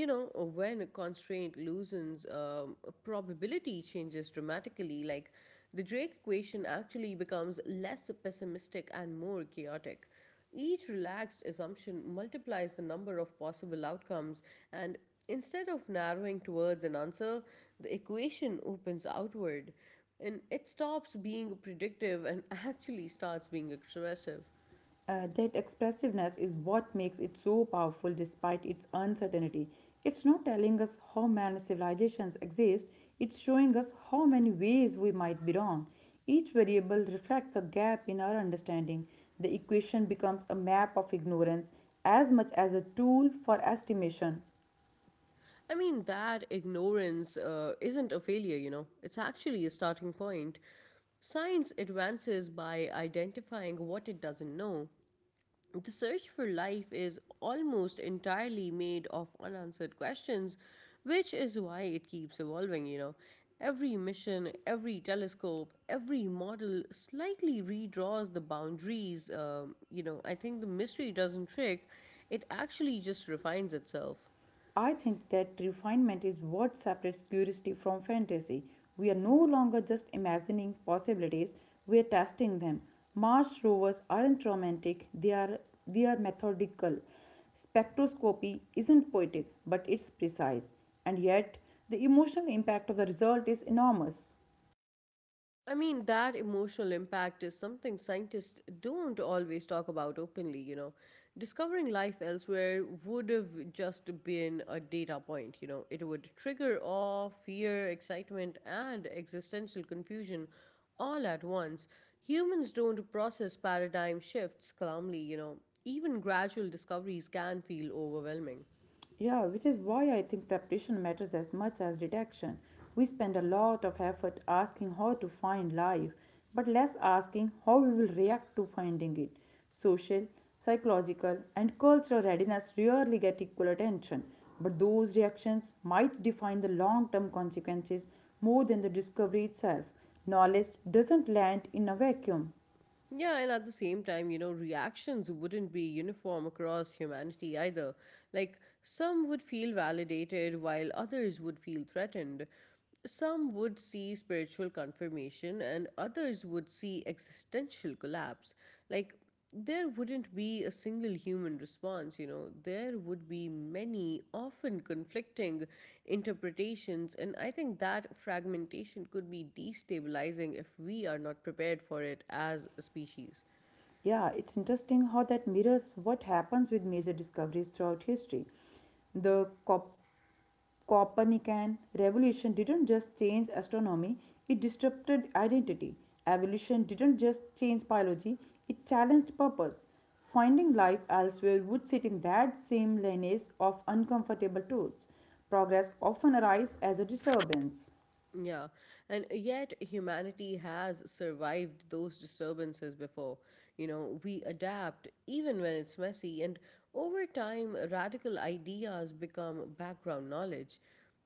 Speaker 1: When a constraint loosens, probability changes dramatically. Like the drake equation actually becomes less pessimistic and more chaotic. Each relaxed assumption multiplies the number of possible outcomes, and instead of narrowing towards an answer, the equation opens outward, and it stops being predictive and actually starts being expressive.
Speaker 2: That expressiveness is what makes it so powerful despite its uncertainty. It's not telling us how many civilizations exist, it's showing us how many ways we might be wrong. Each variable reflects a gap in our understanding. The equation becomes a map of ignorance as much as a tool for estimation.
Speaker 1: That ignorance isn't a failure, it's actually a starting point. Science advances by identifying what it doesn't know. The search for life is almost entirely made of unanswered questions, which is why it keeps evolving, Every mission, every telescope, every model slightly redraws the boundaries. I think the mystery doesn't trick, it actually just refines itself.
Speaker 2: I think that refinement is what separates curiosity from fantasy. We are no longer just imagining possibilities, we are testing them. Mars rovers aren't romantic, they are methodical. Spectroscopy isn't poetic, but it's precise. And yet, the emotional impact of the result is enormous.
Speaker 1: That emotional impact is something scientists don't always talk about openly, Discovering life elsewhere would have just been a data point, It would trigger awe, fear, excitement, and existential confusion all at once. Humans don't process paradigm shifts calmly, Even gradual discoveries can feel overwhelming.
Speaker 2: Yeah, which is why I think preparation matters as much as detection. We spend a lot of effort asking how to find life, but less asking how we will react to finding it. Social, psychological, and cultural readiness rarely get equal attention, but those reactions might define the long term consequences more than the discovery itself. Knowledge doesn't land in a vacuum.
Speaker 1: Yeah, and at the same time, reactions wouldn't be uniform across humanity either. Some would feel validated while others would feel threatened. Some would see spiritual confirmation and others would see existential collapse. Like, there wouldn't be a single human response, There would be many, often conflicting interpretations, and I think that fragmentation could be destabilizing if we are not prepared for it as a species.
Speaker 2: Yeah, it's interesting how that mirrors what happens with major discoveries throughout history. The Copernican revolution didn't just change astronomy, it disrupted identity. Evolution didn't just change biology, it challenged purpose. Finding life elsewhere would sit in that same lineage of uncomfortable truths. Progress often arrives as a disturbance.
Speaker 1: Yeah, and yet humanity has survived those disturbances before. We adapt even when it's messy, and over time, radical ideas become background knowledge.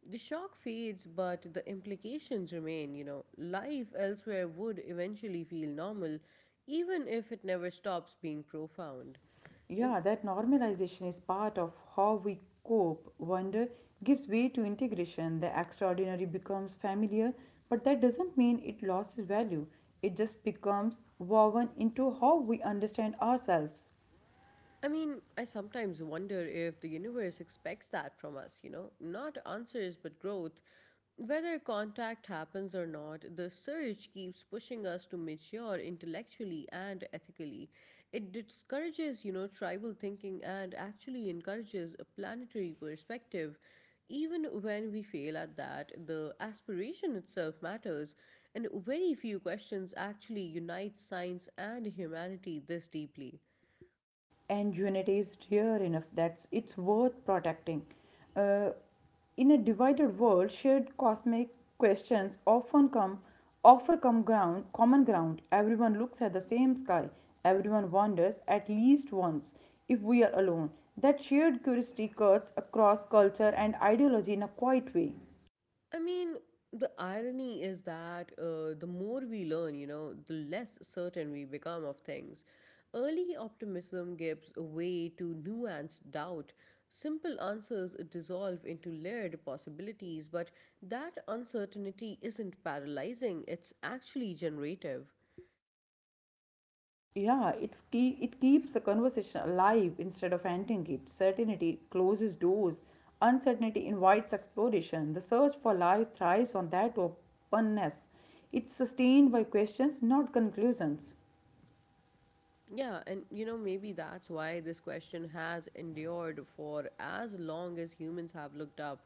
Speaker 1: The shock fades, but the implications remain. Life elsewhere would eventually feel normal, even if it never stops being profound.
Speaker 2: Yeah, that normalization is part of how we cope. Wonder gives way to integration. The extraordinary becomes familiar, but that doesn't mean it loses value. It just becomes woven into how we understand ourselves.
Speaker 1: I sometimes wonder if the universe expects that from us, not answers but growth. Whether contact happens or not, the search keeps pushing us to mature intellectually and ethically. It discourages, tribal thinking and actually encourages a planetary perspective. Even when we fail at that, the aspiration itself matters, and very few questions actually unite science and humanity this deeply.
Speaker 2: And unity is rare enough that's it's worth protecting. Uh, In a divided world, shared cosmic questions often come offer come ground, common ground. Everyone looks at the same sky. Everyone wonders at least once if we are alone. That shared curiosity cuts across culture and ideology in a quiet way.
Speaker 1: I mean, the irony is that the more we learn, the less certain we become of things. Early optimism gives way to nuanced doubt. Simple answers dissolve into layered possibilities, but that uncertainty isn't paralyzing, it's actually generative.
Speaker 2: Yeah, it keeps the conversation alive instead of ending it. Certainty closes doors. Uncertainty invites exploration. The search for life thrives on that openness. It's sustained by questions, not conclusions.
Speaker 1: Yeah, and maybe that's why this question has endured for as long as humans have looked up.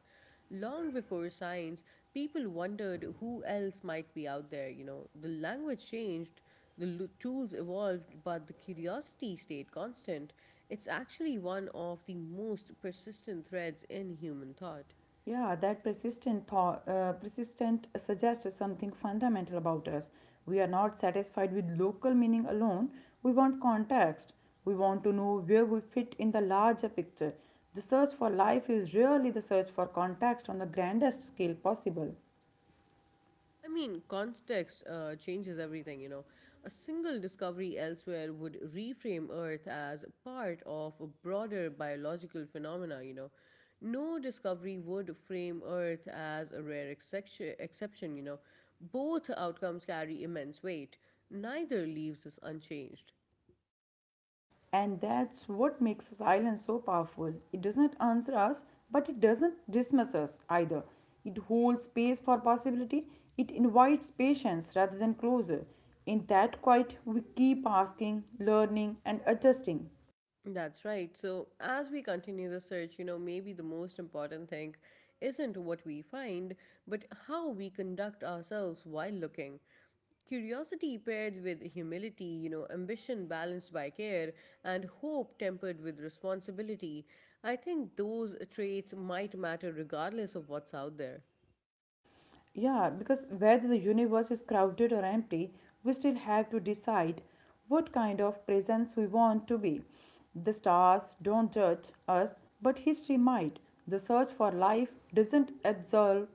Speaker 1: Long before science, people wondered who else might be out there, The language changed, tools evolved, but the curiosity stayed constant. It's actually one of the most persistent threads in human thought.
Speaker 2: Yeah, that persistent thought, persistent suggests something fundamental about us. We are not satisfied with local meaning alone. We want context. We want to know where we fit in the larger picture. The search for life is really the search for context on the grandest scale possible.
Speaker 1: Context changes everything, A single discovery elsewhere would reframe Earth as part of a broader biological phenomena, No discovery would frame Earth as a rare exception, Both outcomes carry immense weight. Neither leaves us unchanged.
Speaker 2: And that's what makes silence so powerful. It doesn't answer us, but it doesn't dismiss us either. It holds space for possibility. It invites patience rather than closure. In that quiet, we keep asking, learning, and adjusting.
Speaker 1: That's right. So, as we continue the search, maybe the most important thing isn't what we find, but how we conduct ourselves while looking. Curiosity paired with humility, ambition balanced by care, and hope tempered with responsibility. I think those traits might matter regardless of what's out there.
Speaker 2: Yeah, because whether the universe is crowded or empty, we still have to decide what kind of presence we want to be. The stars don't judge us, but history might. The search for life doesn't absolve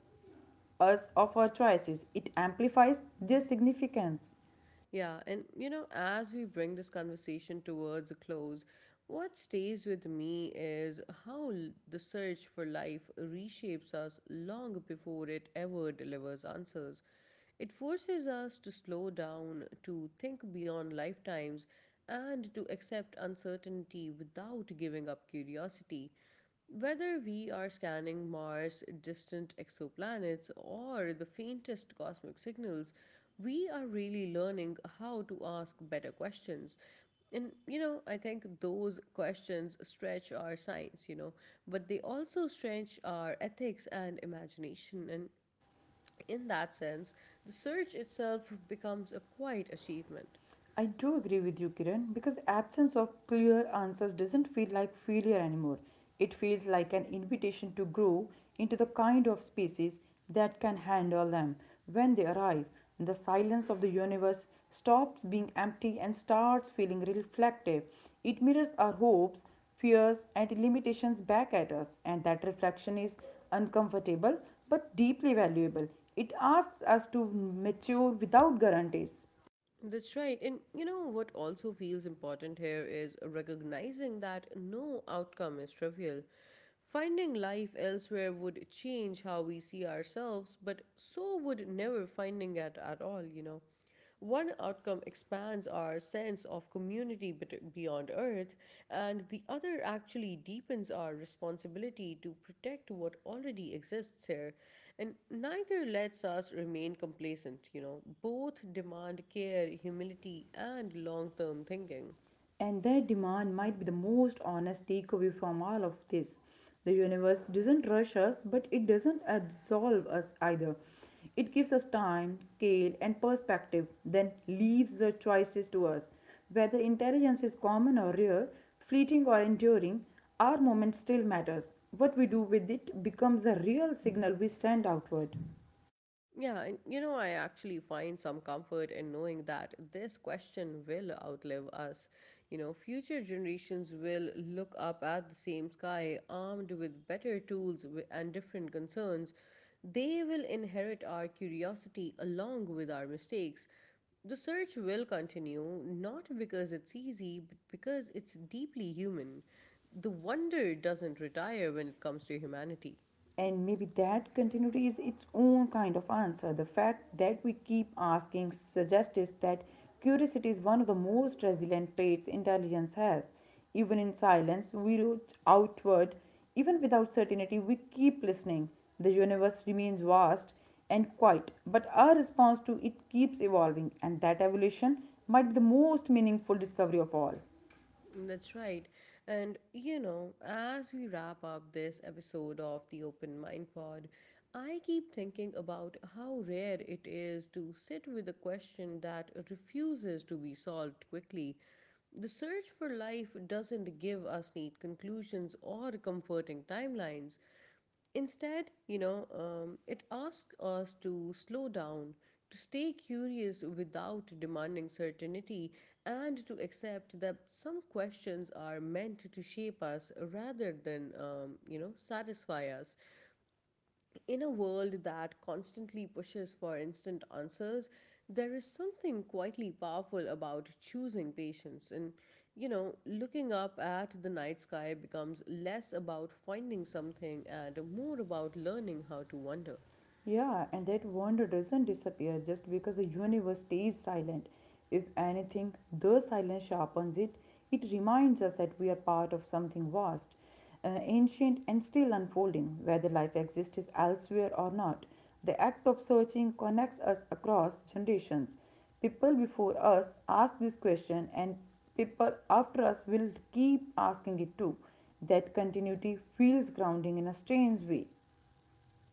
Speaker 2: us of our choices, it amplifies their significance.
Speaker 1: Yeah, and as we bring this conversation towards a close, what stays with me is the search for life reshapes us long before it ever delivers answers. It forces us to slow down, to think beyond lifetimes, and to accept uncertainty without giving up curiosity. Whether we are scanning Mars, distant exoplanets, or the faintest cosmic signals, we are really learning how to ask better questions. And I think those questions stretch our science, but they also stretch our ethics and imagination. And in that sense, the search itself becomes a quiet achievement.
Speaker 2: I do agree with you, Kiran, because absence of clear answers doesn't feel like failure anymore. It feels like an invitation to grow into the kind of species that can handle them. When they arrive, the silence of the universe stops being empty and starts feeling reflective. It mirrors our hopes, fears, and limitations back at us, and that reflection is uncomfortable but deeply valuable. It asks us to mature without guarantees.
Speaker 1: That's right. And what also feels important here is recognizing that no outcome is trivial. Finding life elsewhere would change how we see ourselves, but so would never finding it at all, One outcome expands our sense of community beyond Earth, and the other actually deepens our responsibility to protect what already exists here. And neither lets us remain complacent, Both demand care, humility, and long term thinking.
Speaker 2: And their demand might be the most honest takeaway from all of this. The universe doesn't rush us, but it doesn't absolve us either. It gives us time, scale, and perspective, then leaves the choices to us. Whether intelligence is common or rare, fleeting or enduring, our moment still matters. What we do with it becomes the real signal we send outward.
Speaker 1: Yeah, and I actually find some comfort in knowing that this question will outlive us. Future generations will look up at the same sky, armed with better tools and different concerns. They will inherit our curiosity along with our mistakes. The search will continue, not because it's easy, but because it's deeply human. The wonder doesn't retire when it comes to humanity.
Speaker 2: And maybe that continuity is its own kind of answer. The fact that we keep asking suggests that curiosity is one of the most resilient traits intelligence has. Even in silence, we reach outward. Even without certainty, we keep listening. The universe remains vast and quiet, but our response to it keeps evolving, and that evolution might be the most meaningful discovery of all.
Speaker 1: That's right. And as we wrap up this episode of the Open Mind Pod, I keep thinking about how rare it is to sit with a question that refuses to be solved quickly. The search for life doesn't give us neat conclusions or comforting timelines. Instead, it asks us to slow down, to stay curious without demanding certainty, and to accept that some questions are meant to shape us rather than, satisfy us. In a world that constantly pushes for instant answers, there is something quietly powerful about choosing patience. And, looking up at the night sky becomes less about finding something and more about learning how to wonder.
Speaker 2: Yeah, and that wonder doesn't disappear just because the universe stays silent. If anything, the silence sharpens it. It reminds us that we are part of something vast, ancient, and still unfolding, whether life exists elsewhere or not. The act of searching connects us across generations. People before us asked this question, and people after us will keep asking it too. That continuity feels grounding in a strange way.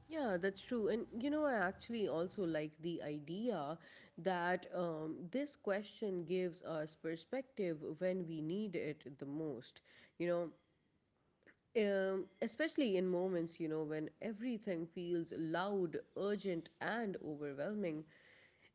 Speaker 1: Yeah, that's true. And I actually also like the idea that this question gives us perspective when we need it the most. You know, especially in moments, when everything feels loud, urgent, and overwhelming,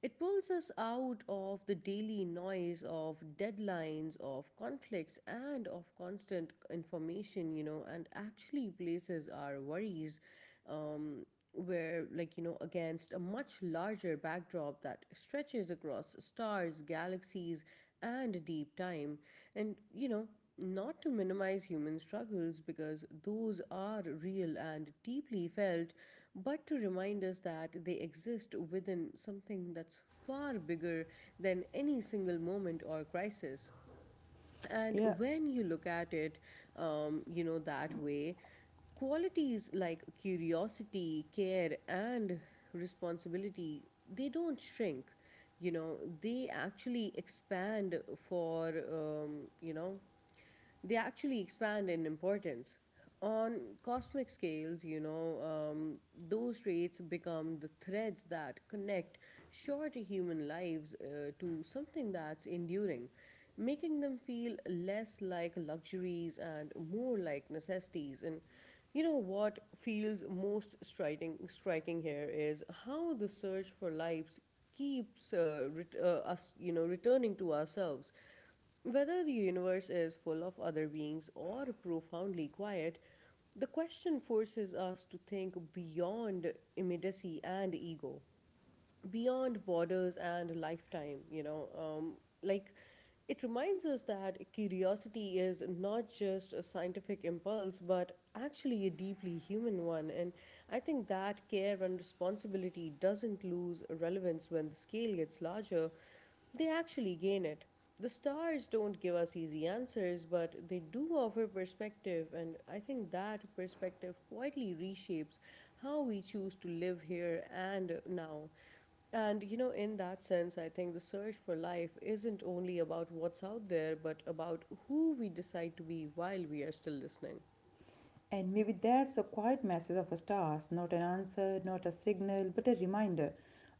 Speaker 1: it pulls us out of the daily noise of deadlines, of conflicts, and of constant information, and actually places our worries um, where, like, you know, against a much larger backdrop that stretches across stars, galaxies, and deep time. And, not to minimize human struggles because those are real and deeply felt, but to remind us that they exist within something that's far bigger than any single moment or crisis and
Speaker 2: Yeah,
Speaker 1: when you look at it that way, qualities like curiosity, care, and responsibility, they don't shrink, you know they actually expand for you know they actually expand in importance. On cosmic scales, those traits become the threads that connect short human lives to something that's enduring, making them feel less like luxuries and more like necessities. And what feels most striking here is how the search for lives keeps us, returning to ourselves. Whether the universe is full of other beings or profoundly quiet, the question forces us to think beyond immediacy and ego, beyond borders and lifetime, like, it reminds us that curiosity is not just a scientific impulse, but actually a deeply human one. And I think that care and responsibility doesn't lose relevance when the scale gets larger, they actually gain it. The stars don't give us easy answers, but they do offer perspective, and I think that perspective quietly reshapes how we choose to live here and now. And in that sense, I think the search for life isn't only about what's out there, but about who we decide to be while we are still listening.
Speaker 2: and maybe that's a quiet message of the stars, not an answer, not a signal, but a reminder.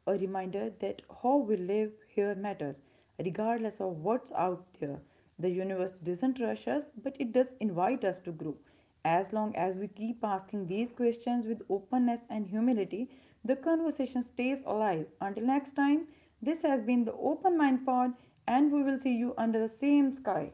Speaker 2: A reminder that how we live here matters, regardless of what's out there. The universe doesn't rush us, but it does invite us to grow. As long as we keep asking these questions with openness and humility, the conversation stays alive. Until next time, this has been the Open Mind Pod, and we will see you under the same sky.